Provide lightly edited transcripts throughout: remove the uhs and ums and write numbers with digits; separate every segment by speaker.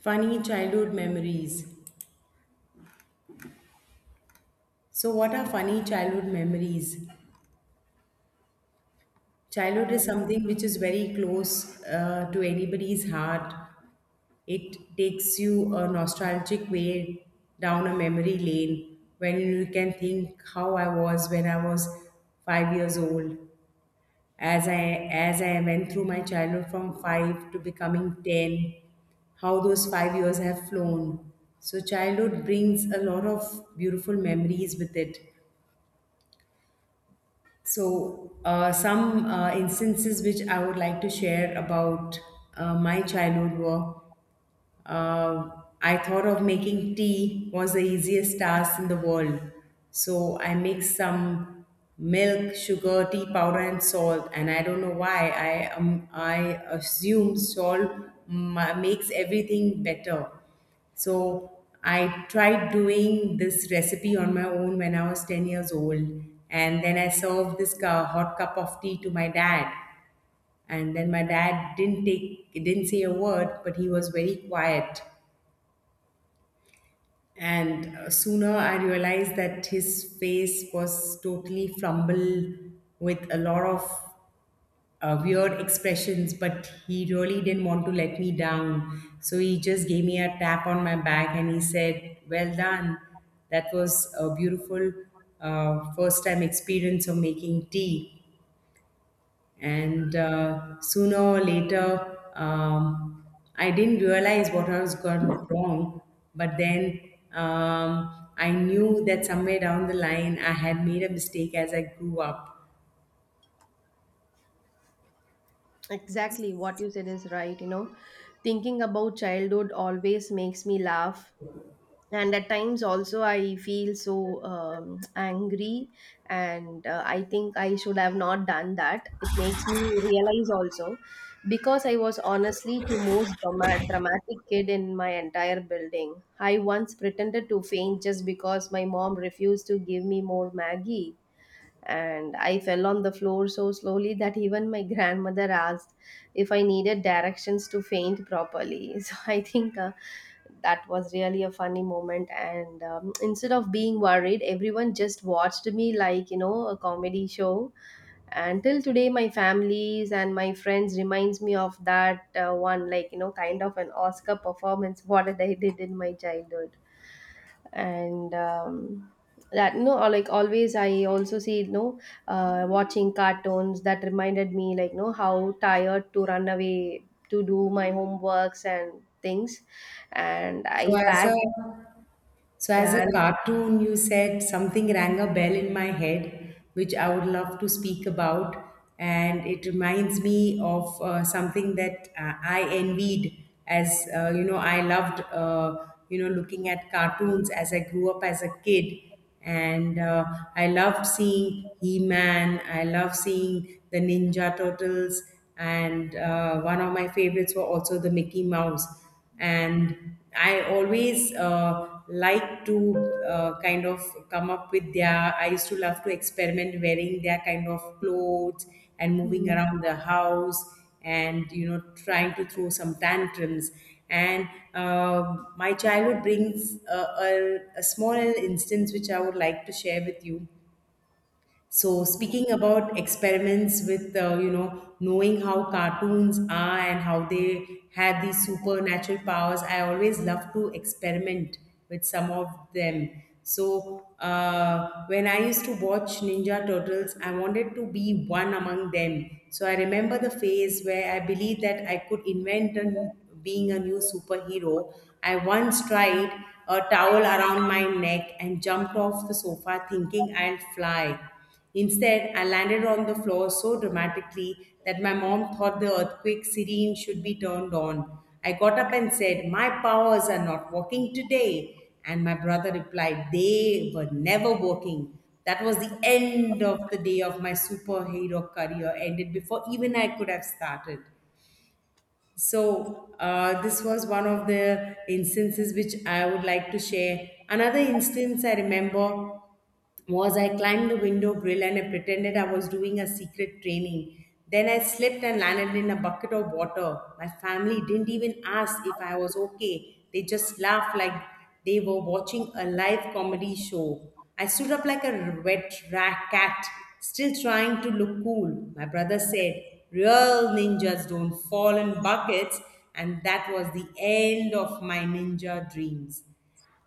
Speaker 1: Funny childhood memories. So, what are funny childhood memories? Childhood is
Speaker 2: Um,
Speaker 1: something which is very close to anybody's heart. It takes you a nostalgic way down a memory lane when you can think how I was when I was 5 years old. As I went through my childhood from five to becoming 10, how those 5 years have flown. So, childhood brings a lot of beautiful memories with it. So, some instances which I would like to share about my childhood were, uh, I thought of making tea was the easiest task in the world. So I mixed some milk, sugar, tea powder, and salt. And I don't know why I assume salt makes everything better. So I tried doing this recipe on my own when I was 10 years old. And then I served this hot cup of tea to my dad. And then my dad didn't take, he didn't say a word, but he was very quiet. And sooner I realized that his face was totally flumbled with a lot of weird expressions, but he really didn't want to let me down. So he just gave me a tap on my back and he said, "Well done." That was a beautiful first time experience of making tea. And sooner or later, I didn't realize what I was gone wrong, but then I knew that somewhere down the line I had made a mistake as I grew up.
Speaker 2: exactly what you said is right. You know, thinking about childhood always makes me laugh, and at times also I feel so angry, and I think I should have not done that. It makes me realize also because I was honestly the most dramatic kid in my entire building. I once pretended to faint just because my mom refused to give me more Maggie. And I fell on the floor so slowly that even my grandmother asked if I needed directions to faint properly. So I think that was really a funny moment. And instead of being worried, everyone just watched me like, a comedy show. Until today, my families and my friends reminds me of that one, kind of an Oscar performance, what did I did in my childhood and that no or like always I also see watching cartoons that reminded me like no, how tired to run away to do my homeworks and things and
Speaker 1: So
Speaker 2: I
Speaker 1: as
Speaker 2: packed
Speaker 1: a
Speaker 2: it.
Speaker 1: So, as a
Speaker 2: Yeah. And
Speaker 1: cartoon, you said something rang a bell in my head, which I would love to speak about. And it reminds me of something that I envied as, you know, I loved, you know, looking at cartoons as I grew up as a kid. And I loved seeing He Man, I loved seeing the Ninja Turtles, and one of my favorites were also the Mickey Mouse. And I always like to, uh, kind of come up with their I used to love to experiment wearing their kind of clothes and moving
Speaker 2: mm.
Speaker 1: around the house, and, you know, trying to throw some tantrums. And my childhood brings a small instance which I would like to share with you. So speaking about experiments with, you know, knowing how cartoons are and how they have these supernatural powers, I always love to experiment with some of them. So when I used to watch Ninja Turtles, I wanted to be one among them. So I remember the phase where I believed that I could invent being a new superhero. I once tried a towel around my neck and jumped off the sofa thinking I'll fly. Instead, I landed on the floor so dramatically that my mom thought the earthquake sirene should be turned on. I got up and said, "My powers are not working today." And my brother replied, "They were never working." That was the end of the day of my superhero career, ended before even I could have started. So this was one of the instances which I would like to share. Another instance I remember was I climbed the window grill and I pretended I was doing a secret training. Then I slipped and landed in a bucket of water. My family didn't even ask if I was okay. They just laughed like they were watching a live comedy show. I stood up like a wet rat cat, still trying to look cool. My brother said, "Real ninjas don't fall in buckets," and that was the end of my ninja dreams.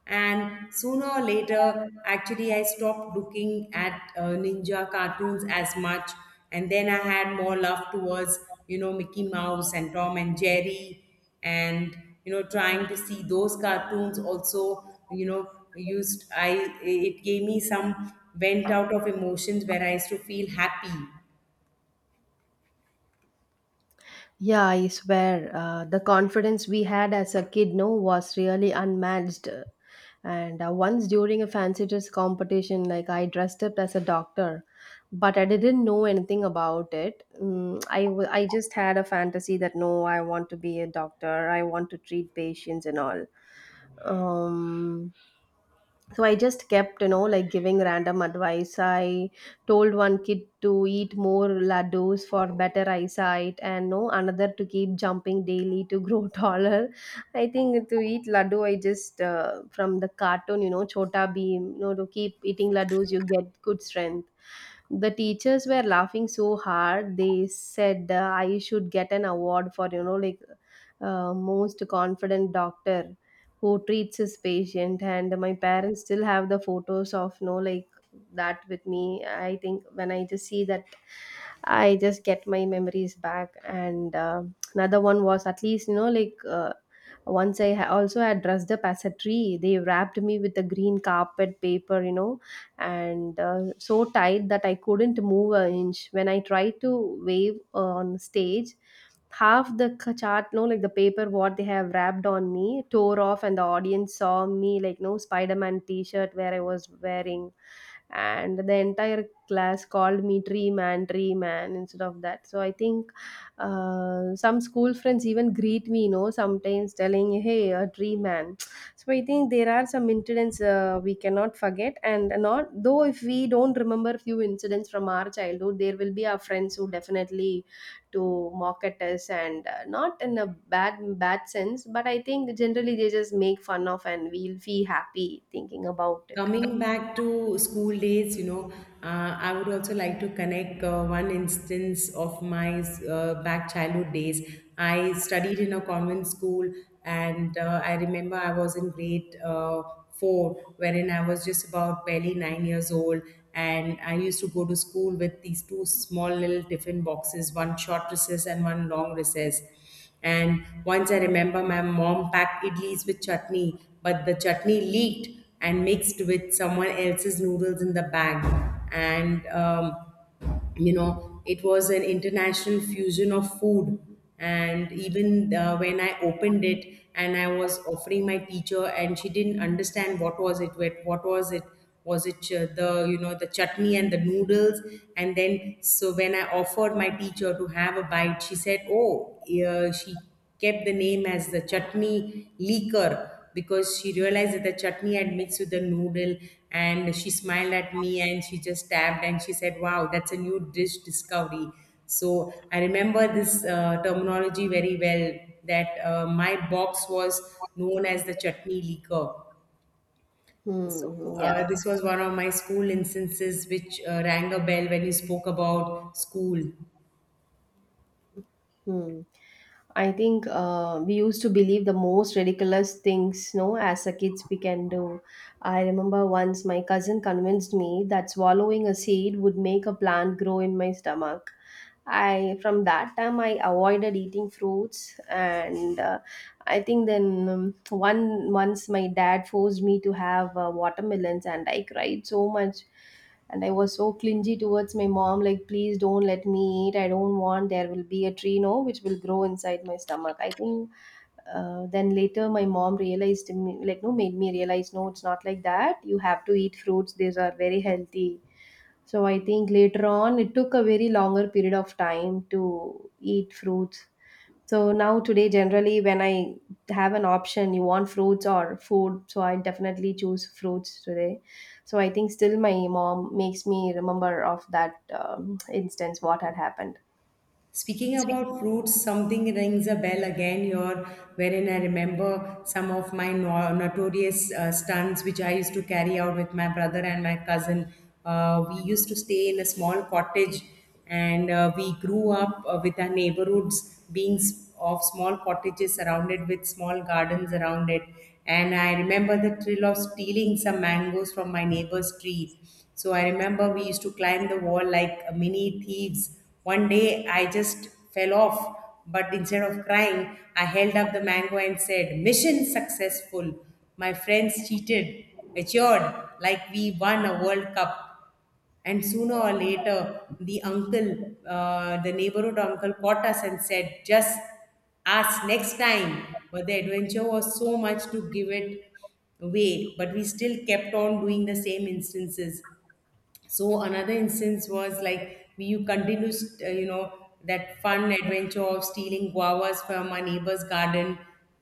Speaker 1: And sooner or later, actually, I stopped looking at ninja cartoons as much, and then I had more love towards, you know, Mickey Mouse and Tom and Jerry, and, you know, trying to see those cartoons also, you know, used I it gave me some vent out of emotions where I used to feel happy.
Speaker 2: Yeah, I swear the confidence we had as a kid no was really unmatched. And once during a fancy dress competition, like I dressed up as a doctor, but I didn't know anything about it. Mm, I just had a fantasy that no, I want to be a doctor. I want to treat patients and all. Um, so I just kept like giving random advice I told one kid to eat more laddus for better eyesight and no another to keep jumping daily to grow taller. I think to eat laddu I just from the cartoon chota beam to keep eating laddus you get good strength. The teachers were laughing so hard they said I should get an award for like most confident doctor who treats his patient, and my parents still have the photos of no like that with me. I think when I just see that I just get my memories back. And another one was at least like once also had dressed up as a tree. They wrapped me with a green carpet paper, and so tight that I couldn't move an inch. When I tried to wave on stage, half the chart no like the paper what they have wrapped on me tore off, and the audience saw me like no Spider-Man t-shirt where I was wearing, and the entire class called me tree man instead of that. So I think some school friends even greet me sometimes telling hey a tree man. So I think there are some incidents we cannot forget, and not though if we don't remember few incidents from our childhood there will be our friends who definitely to mock at us, and not in a bad bad sense, but I think generally they just make fun of and we'll feel happy thinking about it.
Speaker 1: Coming back to school days, you know, I would also like to connect one instance of my back childhood days. I studied in a convent school, and I remember I was in grade four, wherein I was just about barely 9 years old, and I used to go to school with these two small little tiffin boxes, one short recess and one long recess. And once I remember my mom packed idlis with chutney, but the chutney leaked and mixed with someone else's noodles in the bag. And you know, it was an international fusion of food. And even when I opened it and I was offering my teacher, and she didn't understand what was it, what was it, the, you know, the chutney and the noodles. And then so when I offered my teacher to have a bite, she said, "Oh, yeah." She kept the name as the chutney leaker because she realized that the chutney had mixed with the noodle, and she smiled at me and she just tapped and she said, "Wow, that's a new dish discovery." So I remember this terminology very well, that my box was known as the chutney leaker. So
Speaker 2: Hmm, yeah.
Speaker 1: this was one of my school instances which rang a bell when you spoke about school.
Speaker 2: Hmm. I think we used to believe the most ridiculous things, no, as a kids we can do. I remember once my cousin convinced me that swallowing a seed would make a plant grow in my stomach. I from that time I avoided eating fruits, and I think then one once my dad forced me to have watermelons, and I cried so much, and I was so clingy towards my mom like please don't let me eat, I don't want there will be a tree no which will grow inside my stomach. I think then later my mom realized me like no, made me realize no it's not like that, you have to eat fruits, these are very healthy. So I think later on it took a very longer period of time to eat fruits. So now today, generally, when I have an option, you want fruits or food, so I definitely choose fruits today. So I think still my mom makes me remember of that instance what had happened.
Speaker 1: Speaking about fruits, something rings a bell again here, wherein I remember some of my notorious stunts which I used to carry out with my brother and my cousin. We used to stay in a small cottage, and we grew up with our neighborhoods being of small cottages surrounded with small gardens around it. And I remember the thrill of stealing some mangoes from my neighbor's tree. So I remember we used to climb the wall like mini thieves. One day I just fell off, but instead of crying, I held up the mango and said, "Mission successful." My friends cheated, matured, like we won a World Cup. And sooner or later, the uncle, the neighborhood uncle, caught us and said, "Just ask next time." But the adventure was so much to give it away, but we still kept on doing the same instances. So another instance was like we you continuous, you know, that fun adventure of stealing guavas from our neighbor's garden.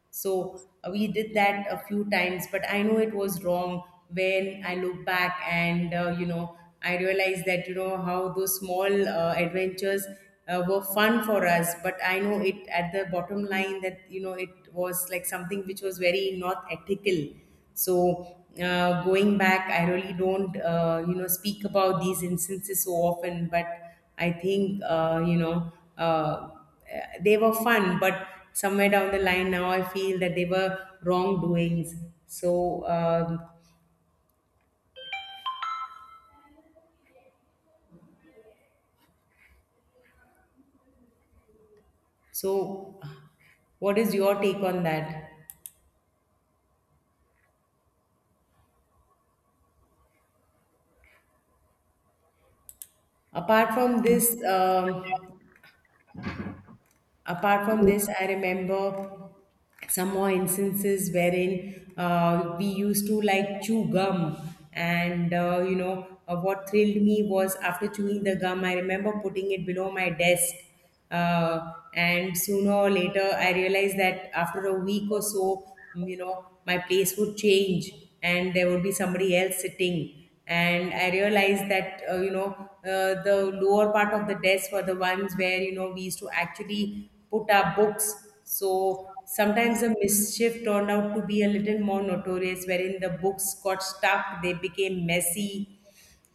Speaker 1: So we did that a few times, but I know it was wrong when I look back. And you know, I realized that, you know, how those small adventures were fun for us, but I know it at the bottom line that, you know, it was like something which was very not ethical. So, going back, I really don't, you know, speak about these instances so often, but I think, you know, uh, they were fun, but somewhere down the line now I feel that they were wrongdoings. So, so what is your take on that? Apart from this, apart from this, I remember some more instances wherein we used to like chew gum. And you know, what thrilled me was after chewing the gum I remember putting it below my desk. And sooner or later I realized that after a week or so, you know, my place would change, and there would be somebody else sitting. And I realized that, you know, the lower part of the desk were the ones where, you know, we used to actually put our books, so sometimes the mischief turned out to be a little more notorious wherein the books got stuck, they became messy.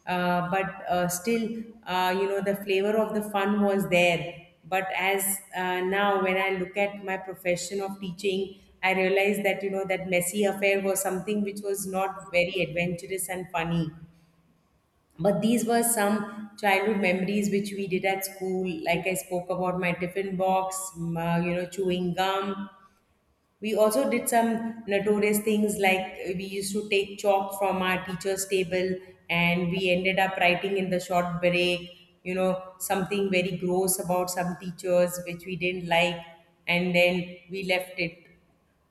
Speaker 1: But still, you know, the flavor of the fun was there. But as, now when I look at my profession of teaching, I realize that, you know, that messy affair was something which was not very adventurous and funny. But these were some childhood memories which we did at school, like I spoke about my tiffin box, you know, chewing gum. We also did some notorious things, like we used to take chalk from our teacher's table, and we ended up writing in the short break, you know, something very gross about some teachers which we didn't like, and then we left it.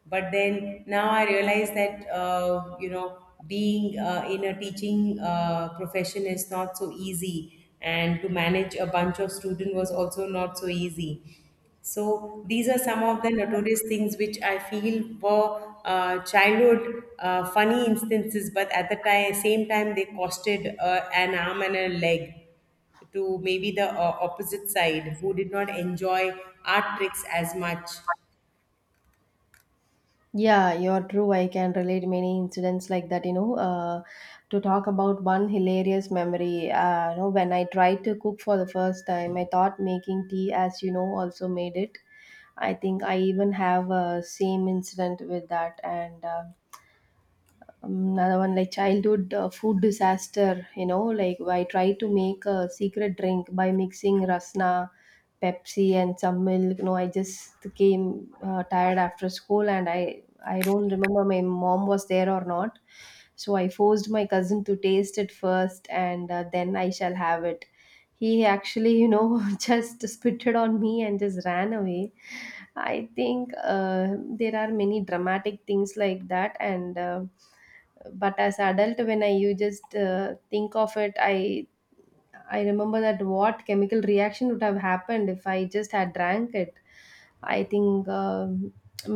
Speaker 1: But then now I realize that, you know, being in a teaching profession is not so easy, and to manage a bunch of students was also not so easy. So these are some of the notorious things which I feel were childhood funny instances, but at the time, same time, they costed an arm and a leg to maybe the opposite side who did not enjoy art tricks as much.
Speaker 2: Yeah, you're true. I can relate many incidents like that, you know. To talk about one hilarious memory, you know, when I tried to cook for the first time, I thought making tea, as you know, also made it. I think I even have a same incident with that, and another one like childhood food disaster, like I tried to make a secret drink by mixing rasna, pepsi and some milk. No, I just came tired after school, and i don't remember my mom was there or not. So I forced my cousin to taste it first, and then I shall have it. He actually you know just spitted on me and just ran away. I think there are many dramatic things like that, and but as adult when I you just think of it i remember that what chemical reaction would have happened if I just had drank it. I think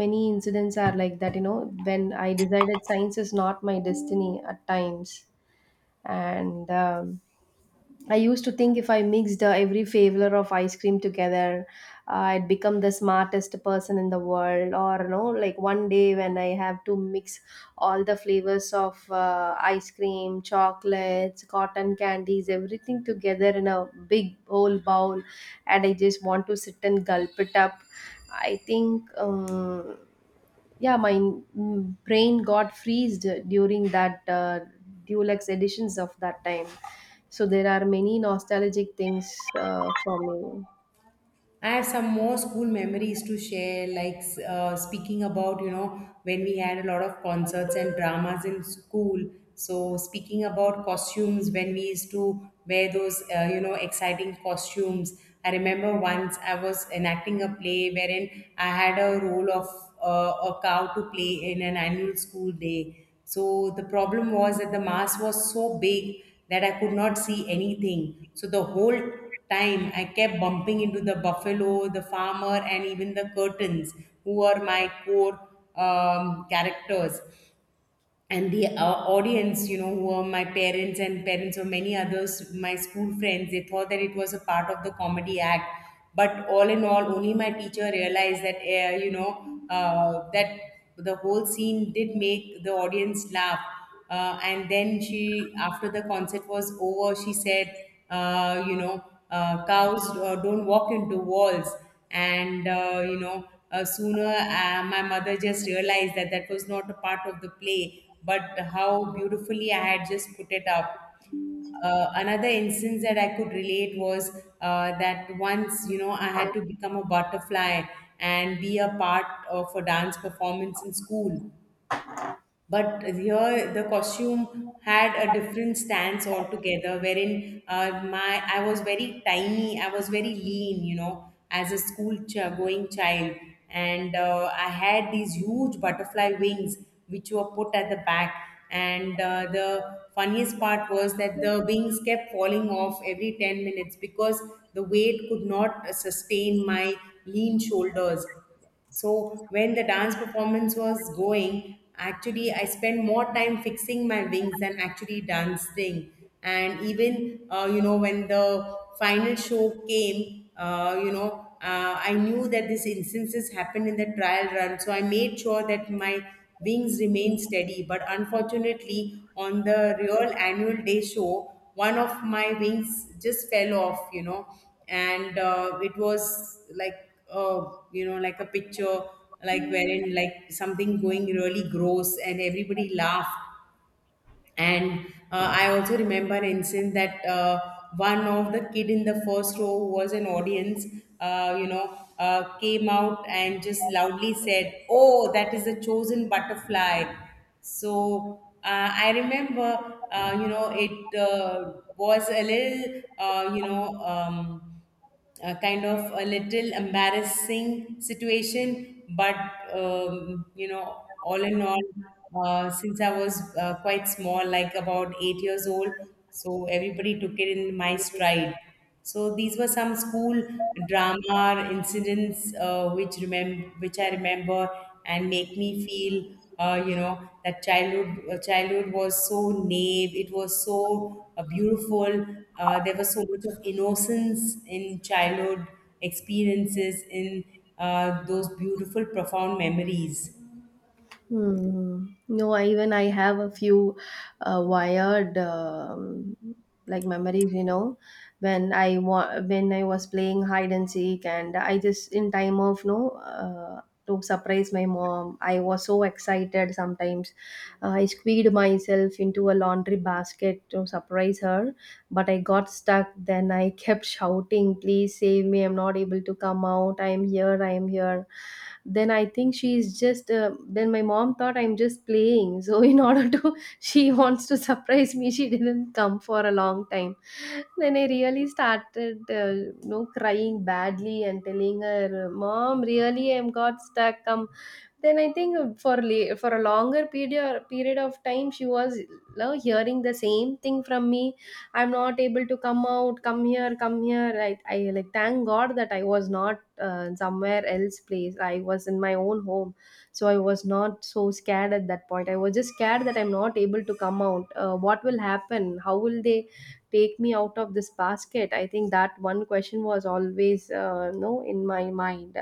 Speaker 2: many incidents are like that, you know, when I decided science is not my destiny at times. And I used to think if I mixed every flavor of ice cream together, I'd become the smartest person in the world. Or, you know, like one day when I have to mix all the flavors of ice cream, chocolates, cotton candies, everything together in a big whole bowl, and I just want to sit and gulp it up. I think yeah my mm, brain got freezed during that deluxe editions of that time. So there are many nostalgic things for me.
Speaker 1: I have some more school memories to share, like speaking about, you know, when we had a lot of concerts and dramas in school. So, speaking about costumes, when we used to wear those, exciting costumes. I remember once I was enacting a play wherein I had a role of a cow to play in an annual school day. So the problem was that the mass was so big that I could not see anything. So the whole time I kept bumping into the buffalo, the farmer, and even the curtains, who are my core characters, and the audience, who were my parents and parents of many others, my school friends. They thought that it was a part of the comedy act, but all in all, only my teacher realized that you know that the whole scene did make the audience laugh. And then she, after the concert was over, she said, uh, you know cows don't walk into walls. And sooner, my mother just realized that that was not a part of the play, but how beautifully I had just put it up. Another instance that I could relate was that once, I had to become a butterfly and be a part of a dance performance in school. But here, the costume had a different stance altogether, wherein my I was very tiny, I was very lean, as a school going child, and I had these huge butterfly wings, which were put at the back. And the funniest part was that the wings kept falling off every 10 minutes, because the weight could not sustain my lean shoulders. So when the dance performance was going, actually I spent more time fixing my wings than actually dancing. And even when the final show came, I knew that these instances happened in the trial run, so I made sure that my wings remained steady. But unfortunately, on the real annual day show, one of my wings just fell off. You know, and It was like uh, like a picture, like wherein like something going really gross, and everybody laughed. And I also remember an incident that one of the kid in the first row, who was an audience, came out and just loudly said, oh, that is a chosen butterfly. So I remember, it was a little, kind of a little embarrassing situation, but all in all, since I was quite small, like about 8 years old, so everybody took it in my stride. So these were some school drama incidents, which which I remember, and make me feel that childhood, was so naive, it was so beautiful. There was so much of innocence in childhood experiences in those beautiful profound memories.
Speaker 2: Hmm. No, even I have a few wired like memories, you know, when when I was playing hide and seek, and I just in time of no to surprise my mom, I was so excited. Sometimes I squeezed myself into a laundry basket to surprise her, but I got stuck. Then I kept shouting, please save me. I'm not able to come out. I am here. I am here. Then I think then my mom thought I'm just playing. So, in order to, she wants to surprise me. She didn't come for a long time. Then I really started, you know, crying badly and telling her, Mom, really, I'm got stuck. Come, then I think for for a longer period of time she was you hearing the same thing from me, I'm not able to come out, come here, come here, I like thank god that I was not somewhere else place, I was in my own home. So I was not so scared at that point, I was just scared that I'm not able to come out, what will happen, how will they take me out of this basket. I think that one question was always you in my mind.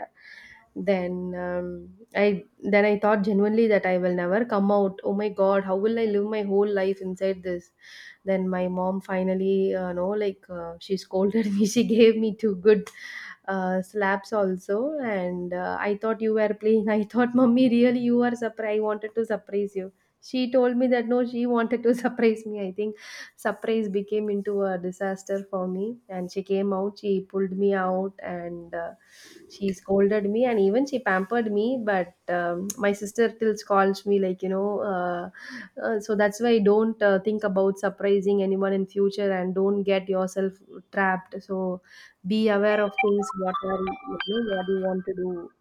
Speaker 2: Then I then I thought genuinely that I will never come out. Oh my god, how will I live my whole life inside this. Then my mom finally no like she scolded me, she gave me two good slaps also, and I thought you were playing. I thought mommy really you are surprised, I wanted to surprise you. She told me that no, she wanted to surprise me. I think surprise became into a disaster for me. And she came out, she pulled me out, and she scolded me, and even she pampered me. But my sister still scolds me, like you know. So that's why don't think about surprising anyone in future, and don't get yourself trapped. So be aware of things. What are you know? What you want to do?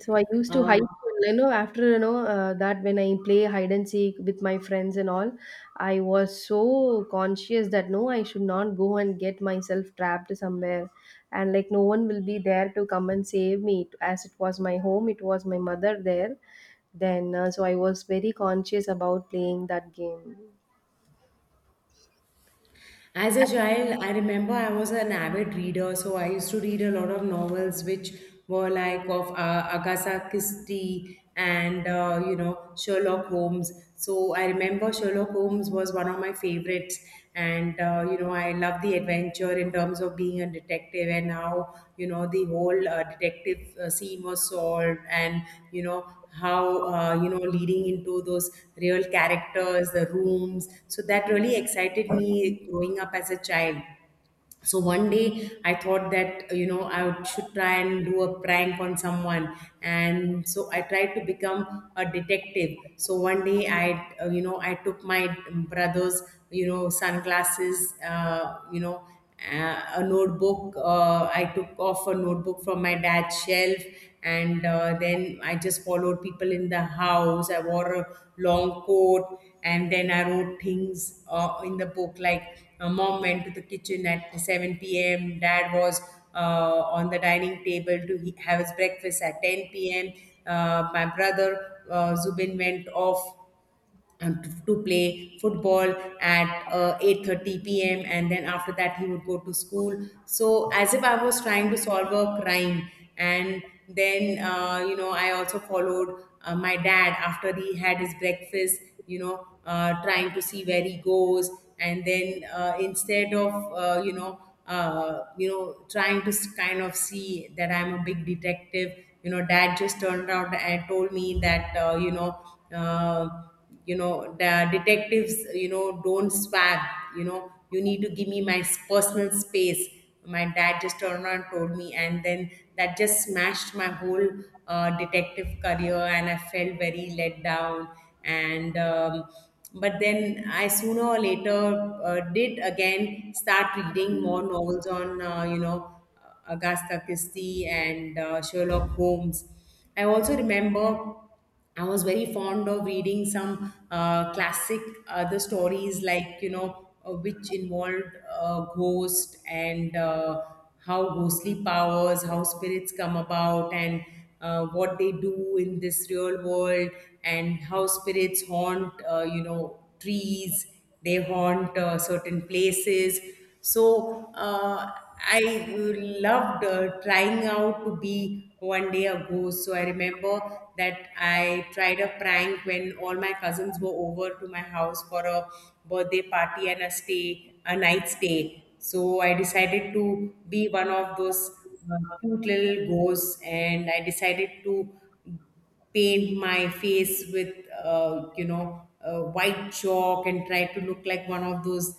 Speaker 2: So I used to
Speaker 1: uh,
Speaker 2: hide, you know, after you know that when I play hide and seek with my friends and all, I was so conscious that no, I should not go and get myself trapped somewhere, and like no one will be there to come and save me. As it was my home, it was my mother there. Then so I was very conscious about playing that game.
Speaker 1: As a child, I remember I was an avid reader, so I used to read a lot of novels which were like of Agatha Christie and Sherlock Holmes. So I remember Sherlock Holmes was one of my favorites, and I love the adventure in terms of being a detective, and how the whole detective scene was solved, and you know how you know leading into those real characters, the rooms. So that really excited me growing up as a child. So one day I thought that I should try and do a prank on someone, and so I tried to become a detective. So one day i took my brother's sunglasses, a notebook. I took off a notebook from my dad's shelf, and then I just followed people in the house. I wore a long coat, and then I wrote things in the book, like mom went to the kitchen at 7 p.m., dad was uh, on the dining table to have his breakfast at 10 p.m. My brother Zubin went off to play football at 8:30 p.m., and then after that he would go to school. So as if I was trying to solve a crime. And then, I also followed my dad after he had his breakfast, trying to see where he goes. And then instead of, trying to kind of see that I'm a big detective, dad just turned around and told me that, Uh, the detectives don't swag. You need to give me my personal space. My dad just turned around and told me, and then that just smashed my whole detective career, and I felt very let down. And But then i, sooner or later, did again start reading more novels on Agatha Christie and Sherlock Holmes. I also remember I was very fond of reading some classic other stories, like which involved ghost, and how ghostly powers, how spirits come about, and what they do in this real world, and how spirits haunt, trees. They haunt certain places. So I loved trying out to be one day a ghost. So I remember that I tried a prank when all my cousins were over to my house for a birthday party and a stay, a night stay. So I decided to be one of those cute little ghosts, and I decided to paint my face with white chalk, and try to look like one of those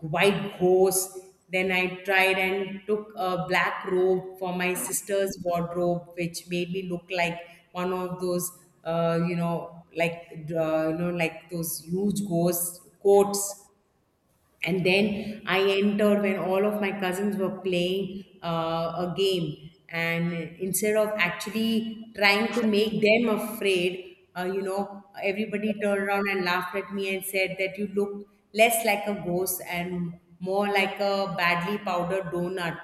Speaker 1: white ghost. Then I tried and took a black robe for my sister's wardrobe, which made me look like one of those, like those huge ghost coats, and then I entered when all of my cousins were playing a game. And instead of actually trying to make them afraid, everybody turned around and laughed at me and said that you look less like a ghost and more like a badly powdered donut.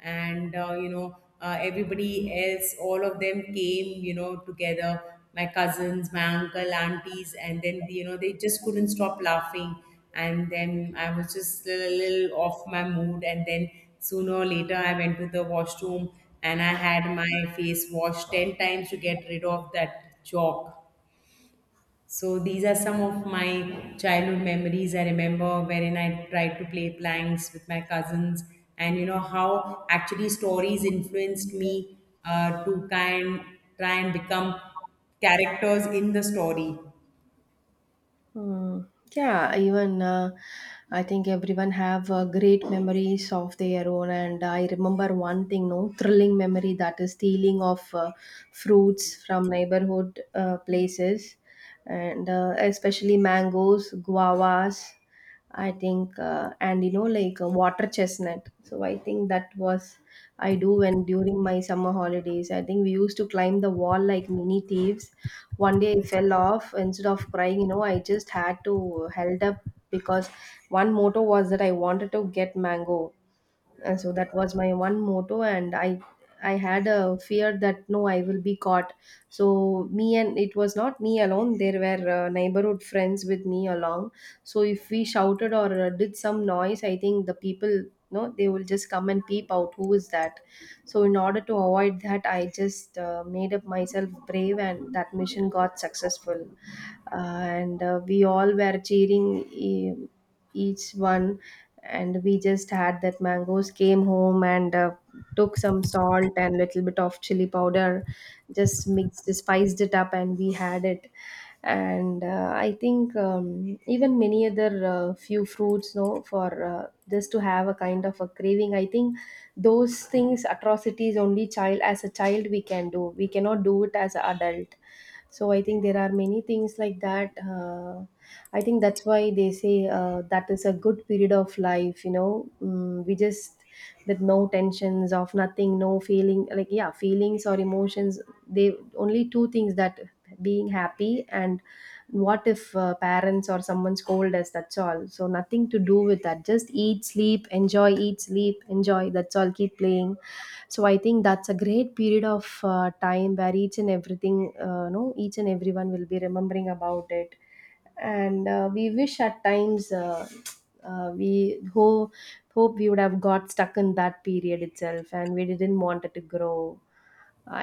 Speaker 1: And everybody else, all of them, came together, my cousins, my uncle aunties, and then they just couldn't stop laughing. And then I was just a little off my mood, and then sooner or later I went to the washroom, and I had my face washed 10 times to get rid of that chalk. So these are some of my childhood memories I remember wherein I tried to play planks with my cousins, and how actually stories influenced me to kind try and become characters in the story.
Speaker 2: Hmm. Yeah, even I think everyone have great memories of their own, and I remember one thing, no thrilling memory that is stealing of fruits from neighborhood places, and especially mangoes, guavas, I think, and you know, like water chestnut. So I think that was I do when during my summer holidays. I think we used to climb the wall like mini thieves. One day I fell off. Instead of crying, you know, I just had to held up because one motto was that I wanted to get mango, and so that was my one motto, and i had a fear that no I will be caught. So me, and it was not me alone, there were neighborhood friends with me along. So if we shouted or did some noise I think the people no they will just come and peep out who is that. So in order to avoid that I just made up myself brave, and that mission got successful. And we all were cheering. Eh, each one. And we just had that, mangoes came home, and took some salt and little bit of chili powder, just mixed, spiced it up and we had it. And I think even many other few fruits no for just to have a kind of a craving. I think those things atrocities only child as a child we can do, we cannot do it as an adult. So I think there are many things like that. I think that's why they say that is a good period of life. You know, mm, we just with no tensions of nothing, no feeling like yeah, feelings or emotions. They only two things that being happy, and what if parents or someone scold us, that's all. So nothing to do with that, just eat sleep enjoy, eat sleep enjoy, that's all, keep playing. So I think that's a great period of time where each and everything no each and everyone will be remembering about it. And we wish at times uh, we ho- hope we would have got stuck in that period itself, and we didn't want it to grow.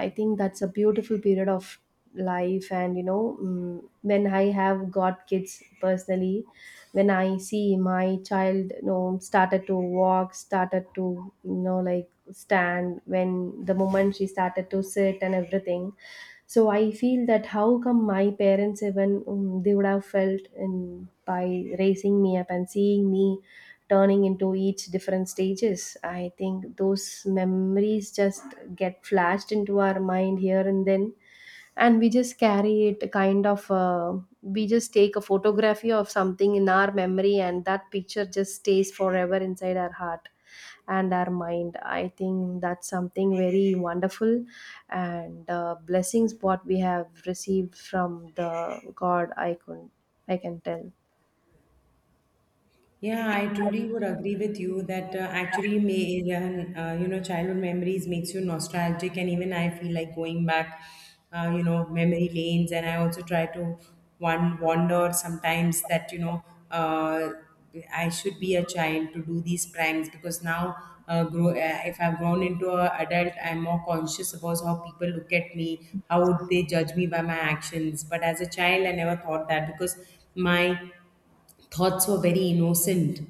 Speaker 2: I think that's a beautiful period of life, and you know mm, when I have got kids personally, when I see my child you know started to walk, started to you know like stand, when the moment she started to sit and everything, so I feel that how come my parents even they would have felt in by raising me up and seeing me turning into each different stages. I think those memories just get flashed into our mind here and then, and we just carry it kind of we just take a photography of something in our memory, and that picture just stays forever inside our heart and our mind. I think that's something very wonderful, and blessings what we have received from the god I can tell.
Speaker 1: Yeah, I truly would agree with you that actually, childhood memories makes you nostalgic, and even I feel like going back, memory lanes, and I also try to one wander sometimes that, uh, I should be a child to do these pranks, because now, if I've grown into an adult, I'm more conscious about how people look at me, how would they judge me by my actions. But as a child, I never thought that, because my thoughts were very innocent,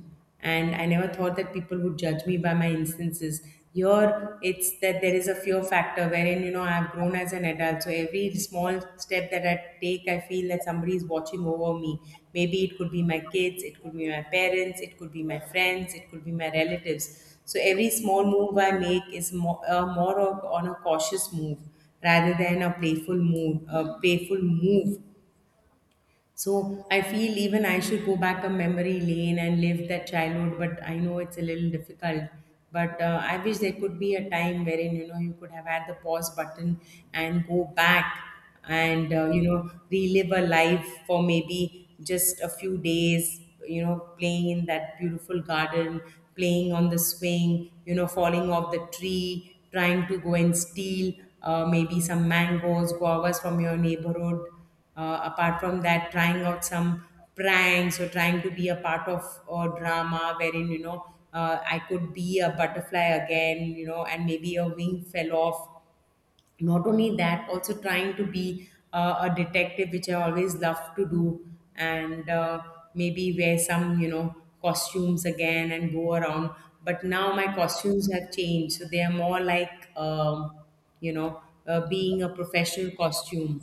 Speaker 1: and I never thought that people would judge me by my instances. Here it's that there is a fear factor, wherein I've grown as an adult, so every small step that I take, I feel that somebody is watching over me. Maybe it could be my kids, it could be my parents, it could be my friends, it could be my relatives. So every small move I make is more, more of, on a cautious move, rather than a playful move. So I feel even I should go back a memory lane and live that childhood, but I know it's a little difficult. But I wish there could be a time wherein you could have had the pause button and go back, and relive a life for maybe just a few days. Playing in that beautiful garden, playing on the swing, falling off the tree, trying to go and steal maybe some mangoes, guavas from your neighborhood, apart from that, trying out some pranks, or trying to be a part of a drama wherein I could be a butterfly again, and maybe a wing fell off. Not only that, also trying to be a detective, which I always love to do. And maybe wear some costumes again and go around. But now my costumes have changed, so they are more like you know being a professional costume.